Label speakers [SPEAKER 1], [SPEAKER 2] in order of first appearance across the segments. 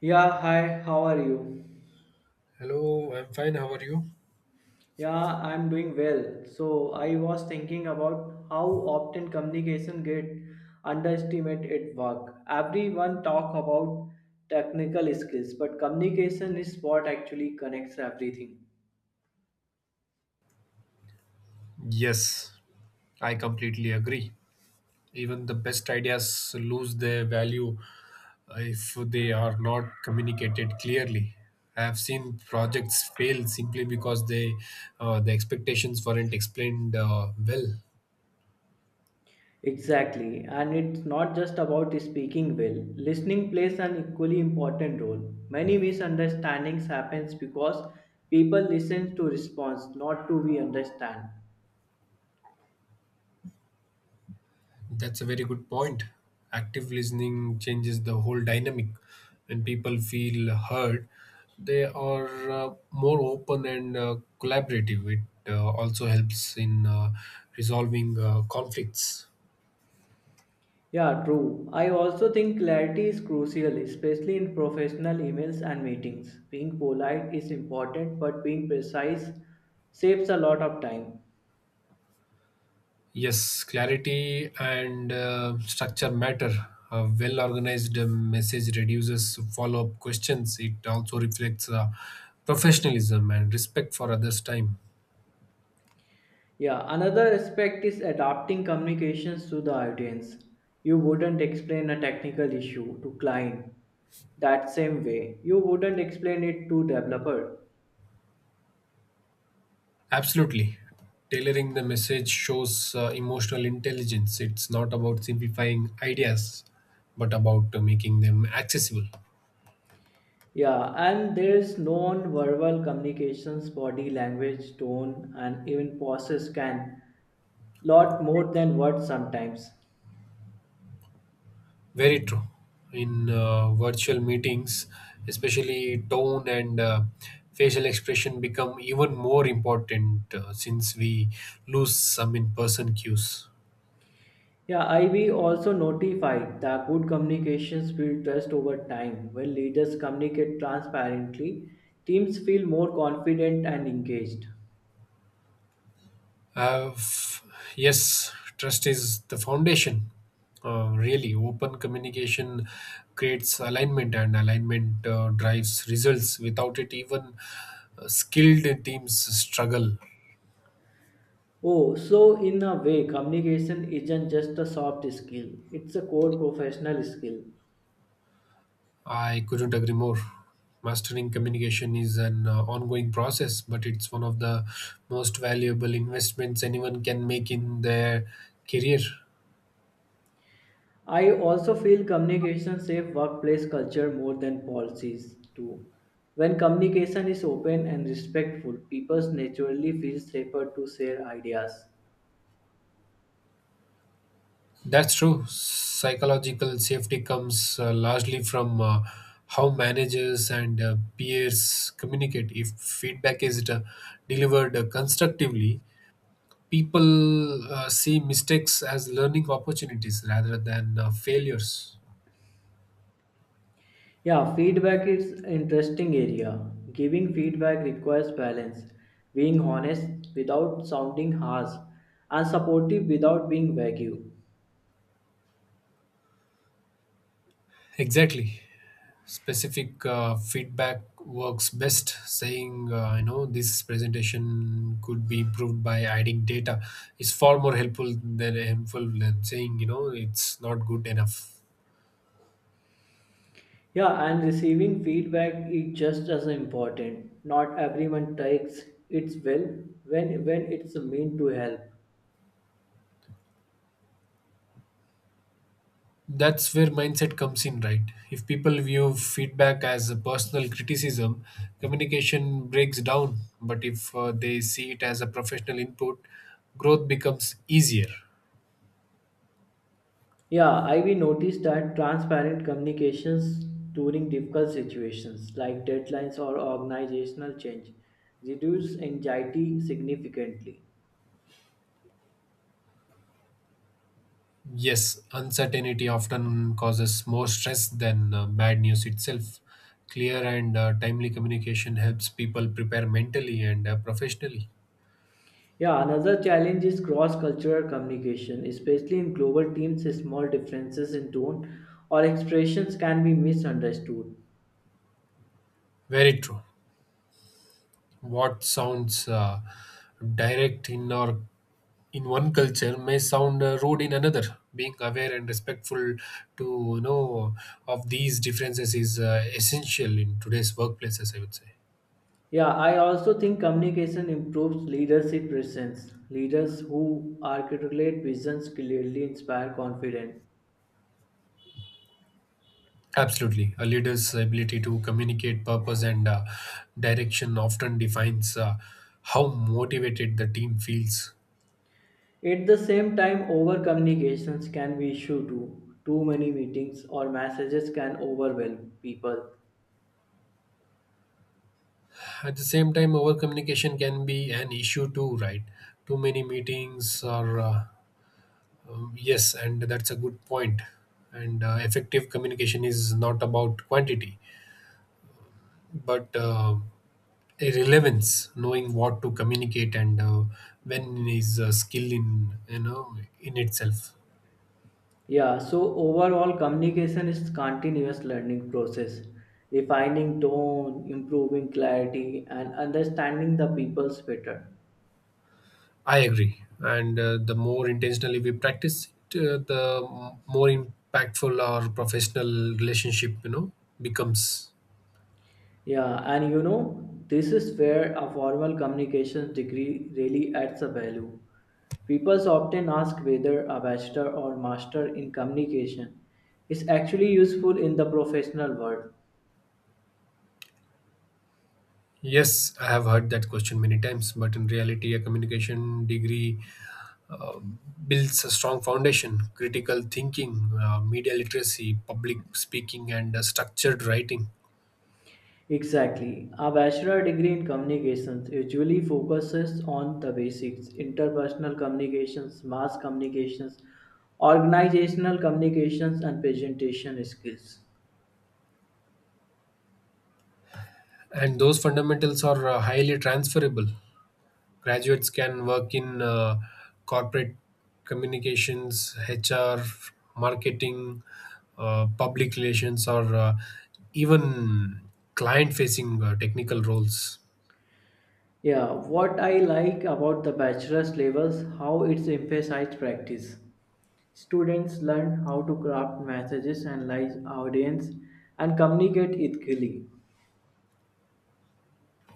[SPEAKER 1] Yeah, hi, how are you?
[SPEAKER 2] Hello, I'm fine. How are you?
[SPEAKER 1] Yeah, I'm doing well. So, I was thinking about how often communication get underestimated at work. Everyone talk about technical skills, but communication is what actually connects everything.
[SPEAKER 2] Yes, I completely agree. Even the best ideas lose their value if they are not communicated clearly. I have seen projects fail simply because the expectations weren't explained well.
[SPEAKER 1] Exactly, and it's not just about speaking well. Listening plays an equally important role. Many misunderstandings happens because people listen to response, not to be understand.
[SPEAKER 2] That's a very good point. Active listening changes the whole dynamic. When people feel heard, they are more open and collaborative. It also helps in resolving conflicts.
[SPEAKER 1] Yeah, true. I also think clarity is crucial, especially in professional emails and meetings. Being polite is important, but being precise saves a lot of time.
[SPEAKER 2] Yes, clarity and structure matter. A well organized message reduces follow up questions. It also reflects professionalism and respect for others' time.
[SPEAKER 1] Yeah, another aspect is adapting communications to the audience. You wouldn't explain a technical issue to client that same way. You wouldn't explain it to developer.
[SPEAKER 2] Absolutely. Tailoring the message shows emotional intelligence. It's not about simplifying ideas, but about making them accessible.
[SPEAKER 1] Yeah, and there's non-verbal communications, body language, tone, and even pauses can lot more than words sometimes.
[SPEAKER 2] Very true. In virtual meetings, especially tone and facial expression become even more important since we lose some in person cues.
[SPEAKER 1] Yeah, IB also notified that good communications build trust over time. When leaders communicate transparently, teams feel more confident and engaged.
[SPEAKER 2] Uh, f- yes, trust is the foundation. Really, open communication creates alignment, and alignment drives results. Without it, even skilled teams struggle.
[SPEAKER 1] Oh, so in a way, communication isn't just a soft skill, it's a core professional skill.
[SPEAKER 2] I couldn't agree more. Mastering communication is an ongoing process, but it's one of the most valuable investments anyone can make in their career.
[SPEAKER 1] I also feel communication safe workplace culture more than policies do. When communication is open and respectful, people naturally feel safer to share ideas.
[SPEAKER 2] That's true. Psychological safety comes largely from how managers and peers communicate. If feedback is delivered constructively, people see mistakes as learning opportunities rather than failures.
[SPEAKER 1] Yeah, feedback is interesting area. Giving feedback requires balance, being honest without sounding harsh, and supportive without being vague.
[SPEAKER 2] Exactly. Specific feedback works best, saying this presentation could be improved by adding data is far more helpful than saying it's not good enough.
[SPEAKER 1] Yeah, and receiving feedback is just as important. Not everyone takes it well when it's meant to help.
[SPEAKER 2] That's where mindset comes in, right? If people view feedback as a personal criticism, communication breaks down, but if they see it as a professional input, growth becomes easier.
[SPEAKER 1] Yeah, I we noticed that transparent communications during difficult situations like deadlines or organizational change reduce anxiety significantly.
[SPEAKER 2] Yes, uncertainty often causes more stress than bad news itself. Clear and timely communication helps people prepare mentally and professionally.
[SPEAKER 1] Yeah, another challenge is cross-cultural communication, especially in global teams. Small differences in tone or expressions can be misunderstood.
[SPEAKER 2] Very true. What sounds direct in our in one culture may sound rude in another. Being aware and respectful to you know of these differences is essential in today's workplaces, I would say.
[SPEAKER 1] Yeah, I also think communication improves leadership presence. Leaders who articulate visions clearly inspire confidence.
[SPEAKER 2] Absolutely. A leader's ability to communicate purpose and direction often defines how motivated the team feels.
[SPEAKER 1] At the same time, over communications can be issue too. Too many meetings or messages can overwhelm people.
[SPEAKER 2] At the same time, over communication can be an issue too, right? Too many meetings are, yes, and that's a good point. And effective communication is not about quantity, but relevance. Knowing what to communicate and when is a skill in you know in itself.
[SPEAKER 1] Yeah, so overall communication is continuous learning process. Refining tone, improving clarity and understanding the people's better.
[SPEAKER 2] I agree. And the more intentionally we practice it, the more impactful our professional relationship, becomes.
[SPEAKER 1] Yeah, and you know, this is where a formal communications degree really adds a value. People often ask whether a bachelor or master in communication is actually useful in the professional world.
[SPEAKER 2] Yes, I have heard that question many times, but in reality, a communication degree uh, builds a strong foundation: critical thinking, media literacy, public speaking, and structured writing.
[SPEAKER 1] Exactly. A bachelor degree in communications usually focuses on the basics interpersonal communications, mass communications, organizational communications, and presentation skills.
[SPEAKER 2] And those fundamentals are highly transferable. Graduates can work in corporate communications, HR, marketing, public relations, or even client facing technical roles.
[SPEAKER 1] Yeah, what I like about the bachelor's levels how it's emphasized practice. Students learn how to craft messages, analyze audience, and communicate ethically.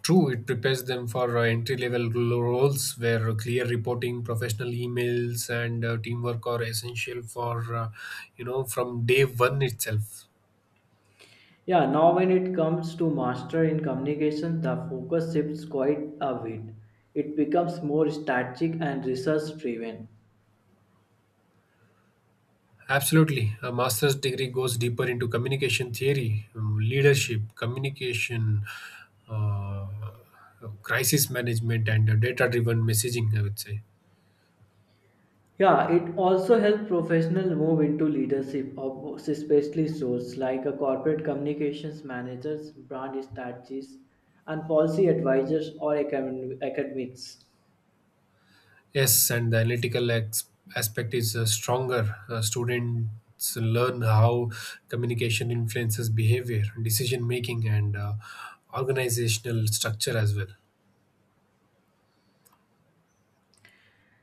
[SPEAKER 2] True, it prepares them for entry level roles where clear reporting, professional emails, and teamwork are essential for, from day one itself.
[SPEAKER 1] Yeah, now when it comes to master in communication, the focus shifts quite a bit. It becomes more strategic and research driven.
[SPEAKER 2] Absolutely. A master's degree goes deeper into communication theory, leadership, communication, uh, crisis management, and data driven messaging, I would say.
[SPEAKER 1] Yeah, it also helps professionals move into leadership, of especially roles like a corporate communications managers, brand strategists, and policy advisors or academics.
[SPEAKER 2] Yes, and the analytical aspect is stronger. Students learn how communication influences behavior, decision making, and organizational structure as well.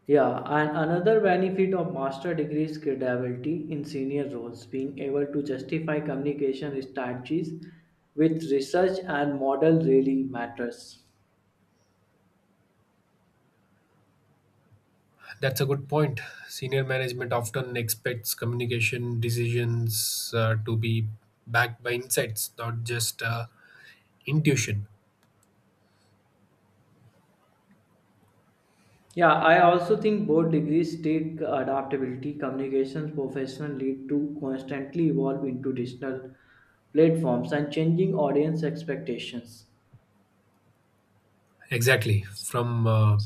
[SPEAKER 1] Yeah, and another benefit of master degree is credibility in senior roles, being able to justify communication strategies with research and model really matters.
[SPEAKER 2] That's a good point. Senior management often expects communication decisions to be backed by insights, not just intuition.
[SPEAKER 1] Yeah, I also think both degrees take adaptability. Communications professionals need to constantly evolve into digital platforms and changing audience expectations.
[SPEAKER 2] Exactly. From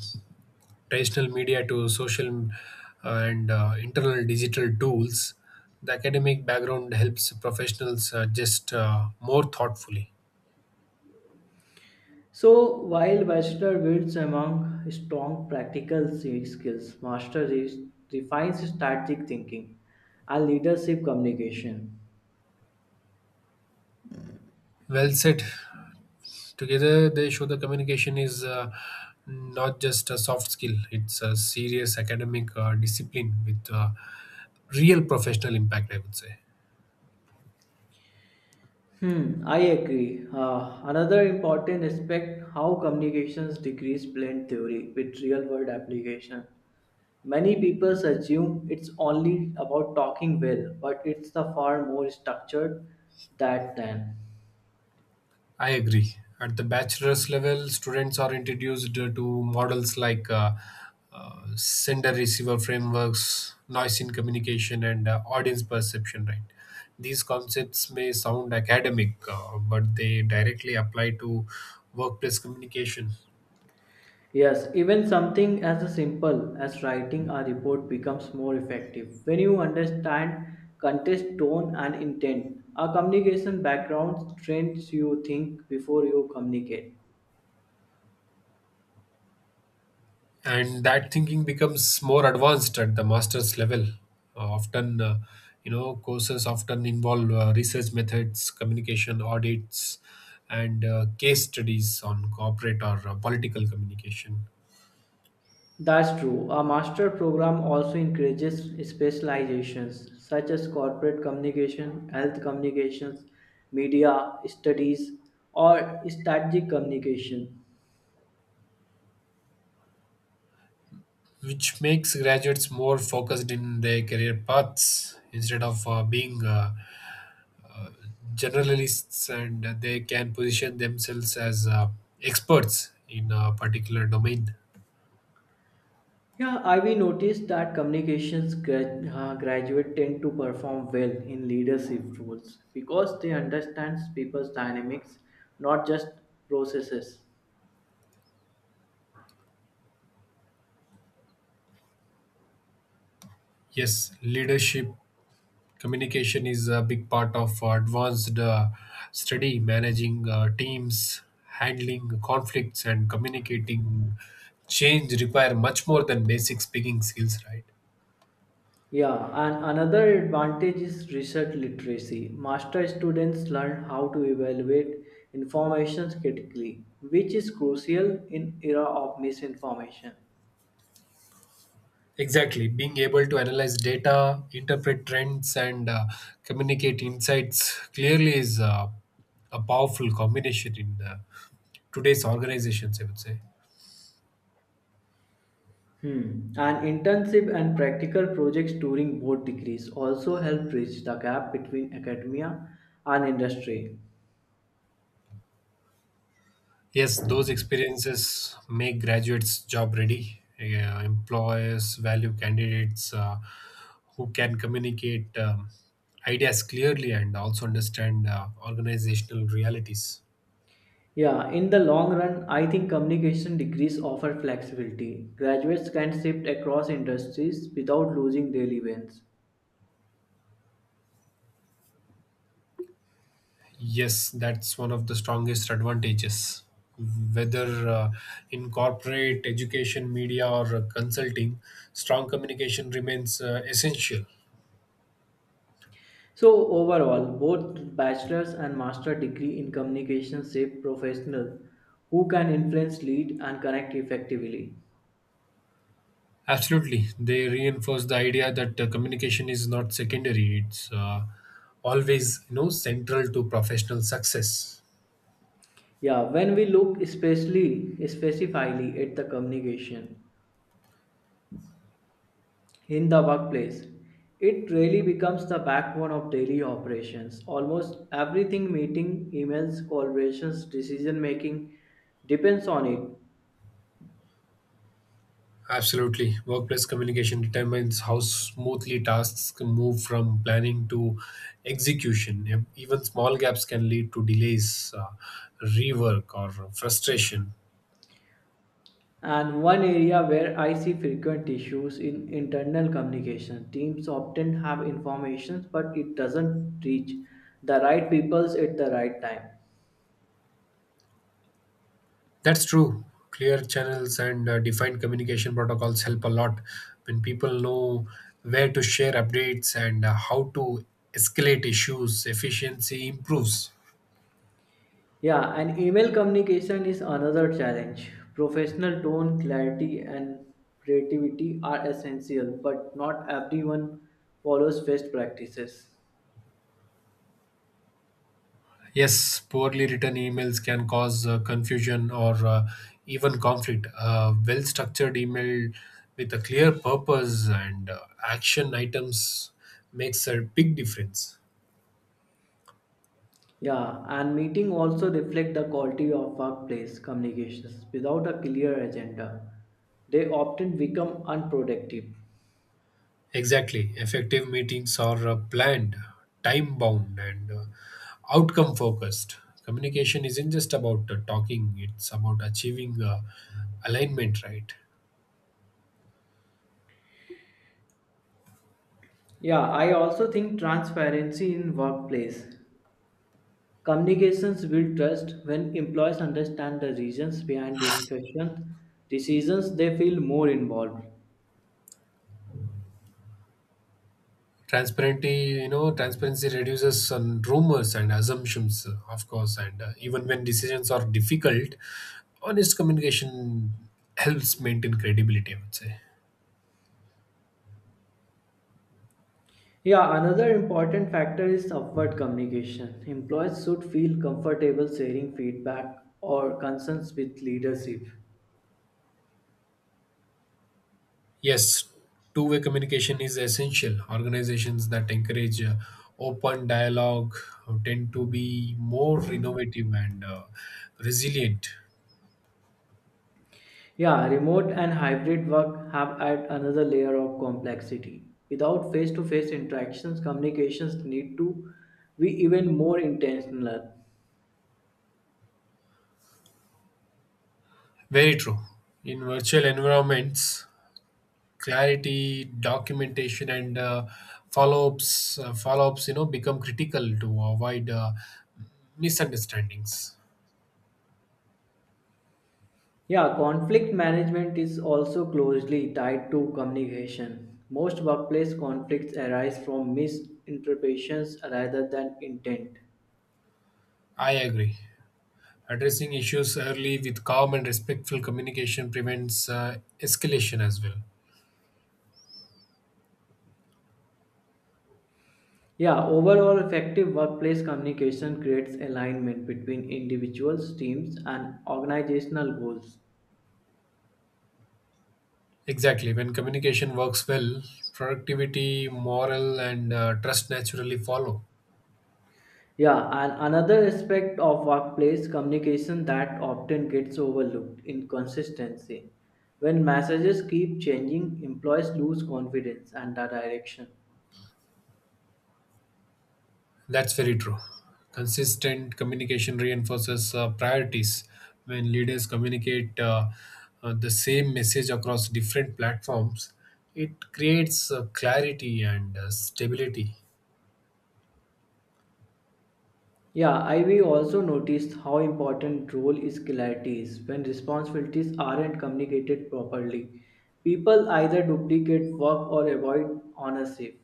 [SPEAKER 2] traditional media to social and internal digital tools, the academic background helps professionals just more thoughtfully.
[SPEAKER 1] So, while bachelor builds among strong practical skills, master refines strategic thinking and leadership communication.
[SPEAKER 2] Well said. Together, they show the communication is not just a soft skill, it's a serious academic discipline with real professional impact, I would say.
[SPEAKER 1] Hmm, I agree. Another important aspect how communications degrees blend theory with real world application. Many people assume it's only about talking well, but it's the far more structured that than.
[SPEAKER 2] I agree. At the bachelor's level, students are introduced to models like sender receiver frameworks, noise in communication, and audience perception, right? These concepts may sound academic, but they directly apply to workplace communication.
[SPEAKER 1] Yes, even something as simple as writing a report becomes more effective when you understand context, tone, and intent. A communication background trains you think before you communicate.
[SPEAKER 2] And that thinking becomes more advanced at the master's level. Often, courses often involve research methods, communication audits, and case studies on corporate or political communication,
[SPEAKER 1] That's true. A master program also encourages specializations such as corporate communication, health communications, media studies, or strategic communication.
[SPEAKER 2] which makes graduates more focused in their career paths instead of being uh, generalists, and they can position themselves as experts in a particular domain.
[SPEAKER 1] Yeah, I we noticed that communications graduate tend to perform well in leadership roles because they understand people's dynamics, not just processes.
[SPEAKER 2] Yes, leadership communication is a big part of advanced study. Managing teams, handling conflicts, and communicating change require much more than basic speaking skills, right?
[SPEAKER 1] Yeah, and another advantage is research literacy. Master students learn how to evaluate information critically, which is crucial in era of misinformation.
[SPEAKER 2] Exactly, being able to analyze data, interpret trends, and communicate insights clearly is a powerful combination in today's organizations, I would say.
[SPEAKER 1] Hmm. And internship and practical projects during both degrees also help bridge the gap between academia and industry.
[SPEAKER 2] Yes, those experiences make graduates job ready. Yeah, employers value candidates who can communicate ideas clearly and also understand organizational realities.
[SPEAKER 1] Yeah, in the long run, I think communication degrees offer flexibility. Graduates can shift across industries without losing daily wins.
[SPEAKER 2] Yes, that's one of the strongest advantages. Whether in corporate, education, media, or consulting, strong communication remains essential.
[SPEAKER 1] So overall, both bachelor's and master degree in communication shape professional who can influence, lead, and connect effectively.
[SPEAKER 2] Absolutely. They reinforce the idea that communication is not secondary, it's always, central to professional success.
[SPEAKER 1] Yeah, when we look especially specifically at the communication in the workplace, it really becomes the backbone of daily operations. Almost everything meeting, emails, collaborations, decision making depends on it.
[SPEAKER 2] Absolutely. Workplace communication determines how smoothly tasks can move from planning to execution. Even small gaps can lead to delays, rework, or frustration.
[SPEAKER 1] And one area where I see frequent issues in internal communication. Teams often have information, but it doesn't reach the right peoples at the right time.
[SPEAKER 2] That's true. Clear channels and defined communication protocols help a lot when people know where to share updates and how to escalate issues. Efficiency improves.
[SPEAKER 1] Yeah, and email communication is another challenge. Professional tone, clarity, and creativity are essential, but not everyone follows best practices.
[SPEAKER 2] Yes, poorly written emails can cause confusion or even conflict. A well structured email with a clear purpose and action items makes a big difference.
[SPEAKER 1] Yeah, and meeting also reflect the quality of workplace communications. Without a clear agenda, they often become unproductive.
[SPEAKER 2] Exactly. Effective meetings are planned, time bound, and outcome focused. Communication isn't just about talking, it's about achieving alignment, right?
[SPEAKER 1] Yeah, I also think transparency in workplace. Communications build trust when employees understand the reasons behind discussions, decisions they feel more involved.
[SPEAKER 2] Transparency, transparency reduces on rumors and assumptions, of course, and even when decisions are difficult, honest communication helps maintain credibility, I would say.
[SPEAKER 1] Yeah, another important factor is upward communication. Employees should feel comfortable sharing feedback or concerns with leadership.
[SPEAKER 2] Yes, two-way communication is essential. Organizations that encourage open dialogue tend to be more innovative and resilient.
[SPEAKER 1] Yeah, remote and hybrid work have add another layer of complexity. Without face-to-face interactions, communications need to be even more intentional.
[SPEAKER 2] Very true. In virtual environments, clarity, documentation, and follow-ups, become critical to avoid misunderstandings.
[SPEAKER 1] Yeah, conflict management is also closely tied to communication. Most workplace conflicts arise from misinterpretations rather than intent.
[SPEAKER 2] I agree. Addressing issues early with calm and respectful communication prevents escalation as well.
[SPEAKER 1] Yeah, overall effective workplace communication creates alignment between individuals, teams, and organizational goals.
[SPEAKER 2] Exactly. When communication works well, productivity, morale, and trust naturally follow.
[SPEAKER 1] Yeah, and another aspect of workplace communication that often gets overlooked inconsistency. When messages keep changing, employees lose confidence and the direction.
[SPEAKER 2] That's very true. Consistent communication reinforces priorities. When leaders communicate the same message across different platforms, it creates clarity and stability.
[SPEAKER 1] Yeah, I we also noticed how important role is clarity is when responsibilities aren't communicated properly. People either duplicate work or avoid ownership.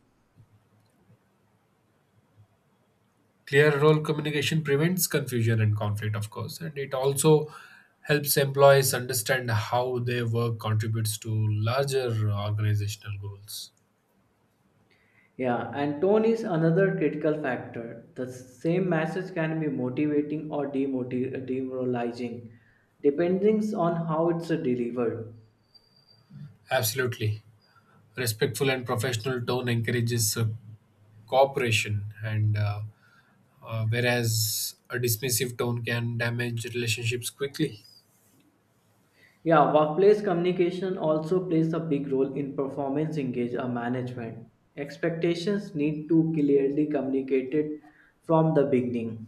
[SPEAKER 2] Clear role communication prevents confusion and conflict, of course, and it also helps employees understand how their work contributes to larger organizational goals.
[SPEAKER 1] Yeah, and tone is another critical factor. The same message can be motivating or demoralizing, depending on how it's delivered.
[SPEAKER 2] Absolutely. Respectful and professional tone encourages cooperation, and whereas a dismissive tone can damage relationships quickly.
[SPEAKER 1] Yeah, workplace communication also plays a big role in performance engage or management. Expectations need to clearly communicated from the beginning.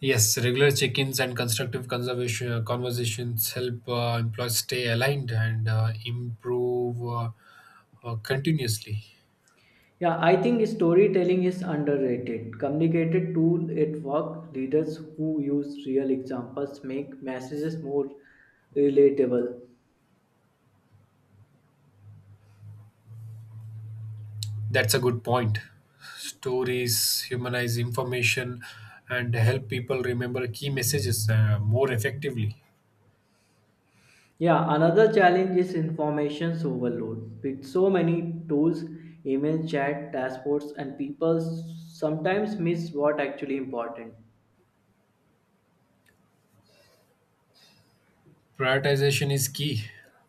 [SPEAKER 2] Yes, regular check ins and constructive conversations help employees stay aligned and improve continuously.
[SPEAKER 1] Yeah, I think storytelling is underrated. Communicated tool at work, leaders who use real examples make messages more relatable.
[SPEAKER 2] That's a good point. Stories humanize information and help people remember key messages more effectively.
[SPEAKER 1] Yeah, another challenge is information overload. With so many tools, email, chat, dashboards, and people sometimes miss what actually important.
[SPEAKER 2] Prioritization is key.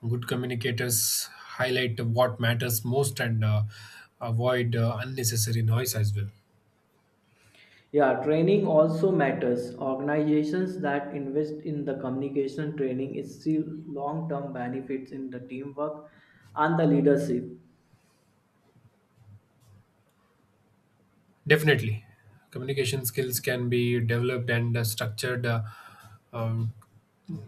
[SPEAKER 2] Good communicators highlight what matters most and avoid unnecessary noise as well.
[SPEAKER 1] Yeah, training also matters. Organizations that invest in the communication training is see long-term benefits in the teamwork and the leadership.
[SPEAKER 2] Definitely, communication skills can be developed and structured. Um,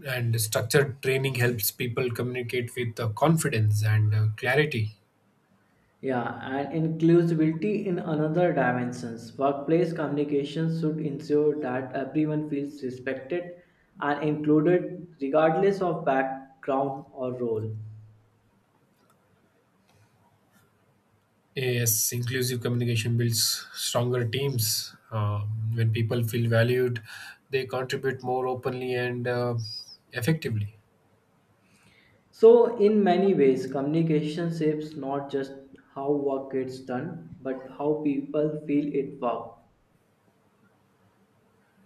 [SPEAKER 2] and structured training helps people communicate with confidence and clarity.
[SPEAKER 1] Yeah, and inclusivity in another dimensions. Workplace communications should ensure that everyone feels respected and included regardless of background or role.
[SPEAKER 2] Yes, inclusive communication builds stronger teams. When people feel valued, they contribute more openly and effectively.
[SPEAKER 1] So, in many ways, communication shapes not just how work gets done, but how people feel it work.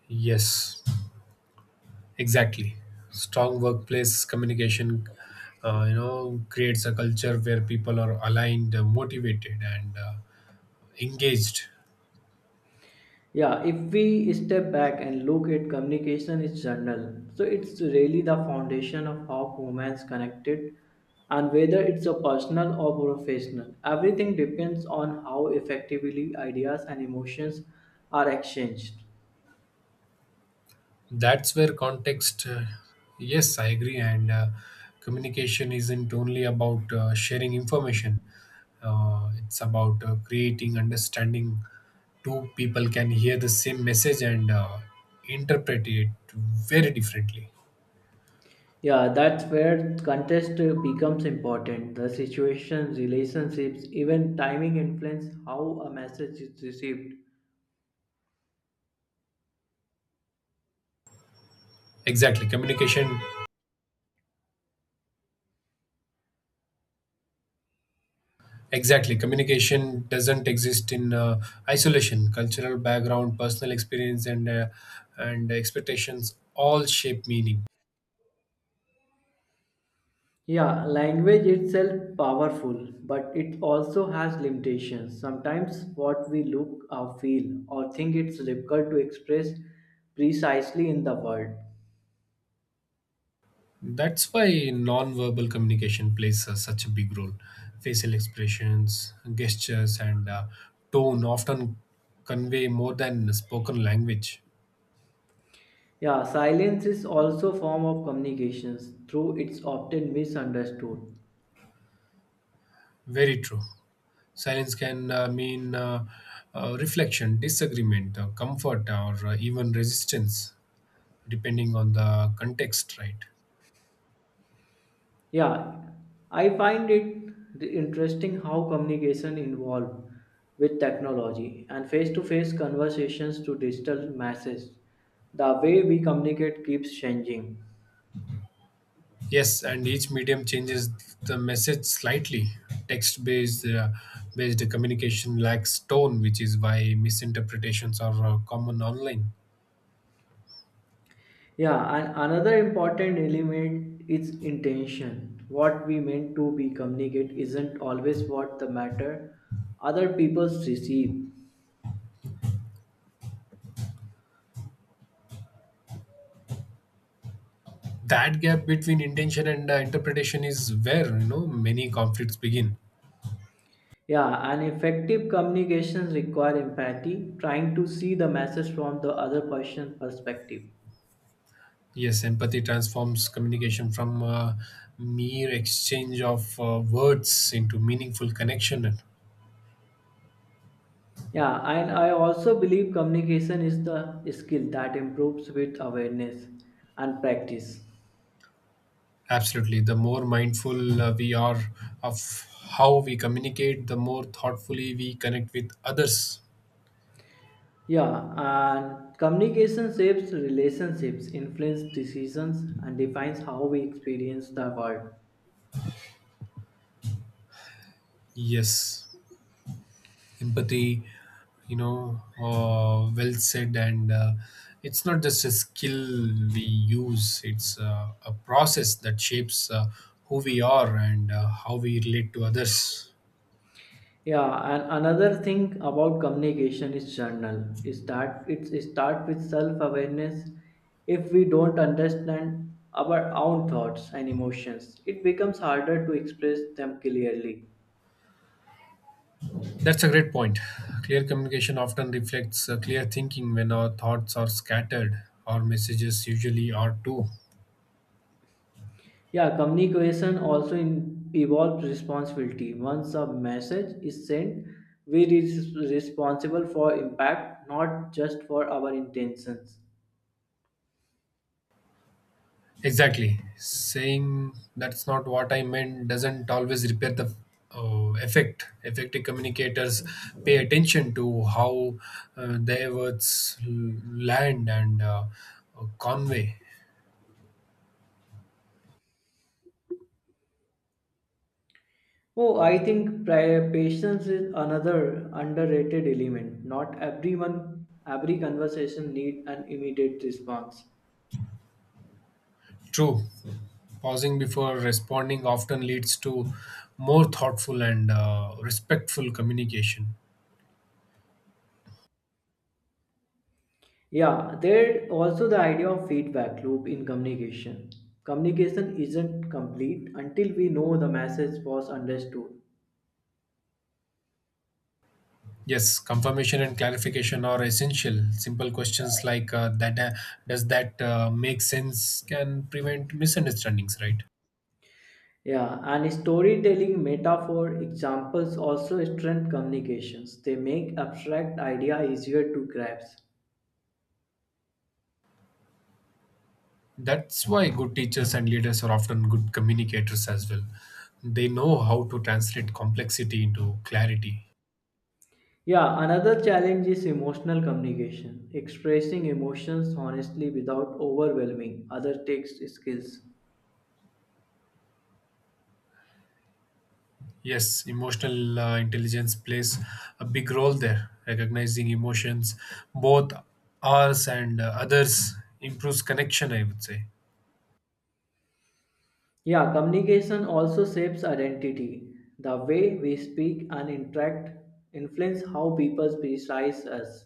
[SPEAKER 2] Yes, exactly. Strong workplace communication, creates a culture where people are aligned, motivated, and engaged.
[SPEAKER 1] Yeah, if we step back and look at communication in general, so it's really the foundation of how humans connected and whether it's a personal or professional. Everything depends on how effectively ideas and emotions are exchanged.
[SPEAKER 2] That's where context, yes, I agree. And communication isn't only about sharing information, it's about creating understanding. Two people can hear the same message and interpret it very differently.
[SPEAKER 1] Yeah, that's where context becomes important. The situation, relationships, even timing influence how a message is received.
[SPEAKER 2] Exactly communication exactly communication doesn't exist in isolation. Cultural background, personal experience, and expectations all shape meaning.
[SPEAKER 1] Yeah, language itself powerful, but it also has limitations. Sometimes what we look or feel or think it's difficult to express precisely in the word.
[SPEAKER 2] That's why non-verbal communication plays such a big role. Facial expressions, gestures, and tone often convey more than spoken language.
[SPEAKER 1] Yeah, silence is also form of communications, though it's often misunderstood.
[SPEAKER 2] Very true. Silence can mean reflection, disagreement, comfort, or even resistance, depending on the context, right?
[SPEAKER 1] Yeah, I find it interesting how communication evolved with technology and face-to-face conversations to digital messages. The way we communicate keeps changing.
[SPEAKER 2] Yes, and each medium changes the message slightly. Text based communication lacks tone, which is why misinterpretations are common online.
[SPEAKER 1] Yeah, and another important element is intention. What we meant to be communicate isn't always what the matter other people receive.
[SPEAKER 2] That gap between intention and interpretation is where, many conflicts begin.
[SPEAKER 1] Yeah, and effective communications require empathy, trying to see the message from the other person's perspective.
[SPEAKER 2] Yes, empathy transforms communication from mere exchange of words into meaningful connection.
[SPEAKER 1] Yeah, and I also believe communication is the skill that improves with awareness and practice.
[SPEAKER 2] Absolutely, the more mindful we are of how we communicate, the more thoughtfully we connect with others.
[SPEAKER 1] Yeah, and communication shapes relationships, influence decisions, and defines how we experience the world.
[SPEAKER 2] Yes, empathy, well said. And it's not just a skill we use, it's a process that shapes who we are and how we relate to others.
[SPEAKER 1] Yeah, and another thing about communication is journal is that it start with self-awareness. If we don't understand our own thoughts and emotions, it becomes harder to express them clearly.
[SPEAKER 2] That's a great point. Clear communication often reflects clear thinking. When our thoughts are scattered, our messages usually are too.
[SPEAKER 1] Yeah, communication also in, involves responsibility. Once a message is sent, we are responsible for impact, not just for our intentions.
[SPEAKER 2] Exactly. Saying that's not what I meant doesn't always repair the effect. Effective communicators pay attention to how their words land and convey.
[SPEAKER 1] Oh, I think patience is another underrated element. Not everyone, every conversation need an immediate response.
[SPEAKER 2] True. Pausing before responding often leads to more thoughtful and respectful communication.
[SPEAKER 1] Yeah, there also the idea of feedback loop in communication. Communication isn't complete until we know the message was understood.
[SPEAKER 2] Yes, confirmation and clarification are essential. Simple questions like, that does that make sense, can prevent misunderstandings, right?
[SPEAKER 1] Yeah, and storytelling, metaphor, examples also strengthen communications. They make abstract idea easier to grasp.
[SPEAKER 2] That's why good teachers and leaders are often good communicators as well. They know how to translate complexity into clarity.
[SPEAKER 1] Yeah, another challenge is emotional communication, expressing emotions honestly without overwhelming other text skills.
[SPEAKER 2] Yes, emotional intelligence plays a big role there. Recognizing emotions, both ours and others, improves connection, I would say.
[SPEAKER 1] Yeah, communication also shapes identity. The way we speak and interact influence how people perceive us.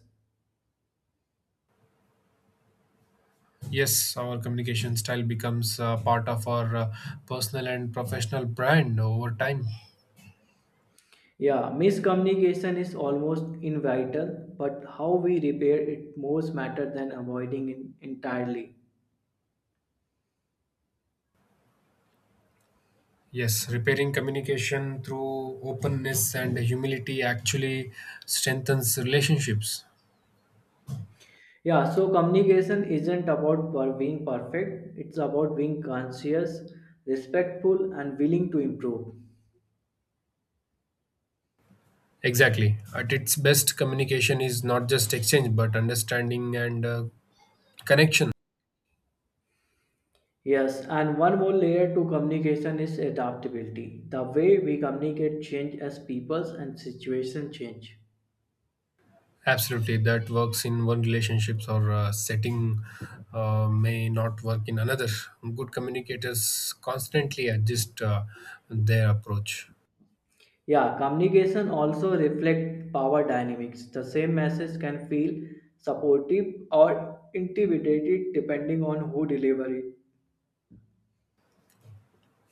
[SPEAKER 2] Yes, our communication style becomes part of our personal and professional brand over time.
[SPEAKER 1] Yeah, miscommunication is almost inevitable, but how we repair it most matter than avoiding it entirely.
[SPEAKER 2] Yes, repairing communication through openness and humility actually strengthens relationships.
[SPEAKER 1] Yeah, so communication isn't about being perfect, it's about being conscious, respectful, and willing to improve.
[SPEAKER 2] Exactly. At its best, communication is not just exchange but understanding and connection.
[SPEAKER 1] Yes, and one more layer to communication is adaptability. The way we communicate change as peoples and situation change.
[SPEAKER 2] Absolutely, that works in one relationships or setting may not work in another. Good communicators constantly adjust their approach.
[SPEAKER 1] Yeah, communication also reflect power dynamics. The same message can feel supportive or intimidated depending on who deliver it.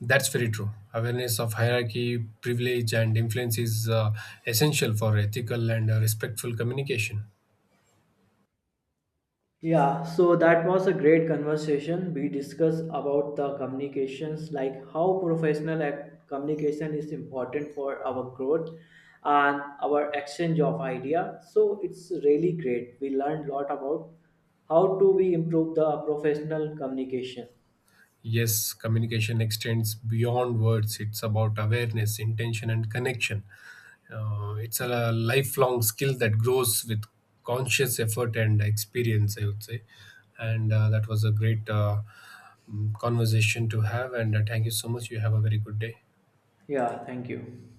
[SPEAKER 2] That's very true. Awareness of hierarchy, privilege, and influence is essential for ethical and respectful communication.
[SPEAKER 1] Yeah, so that was a great conversation. We discussed about the communications, like how professional communication is important for our growth and our exchange of idea. So it's really great. We learned a lot about how to we improve the professional communication.
[SPEAKER 2] Yes, communication extends beyond words, it's about awareness, intention, and connection. It's a lifelong skill that grows with conscious effort and experience, I would say. And that was a great conversation to have. And thank you so much. You have a very good day.
[SPEAKER 1] Yeah, thank you.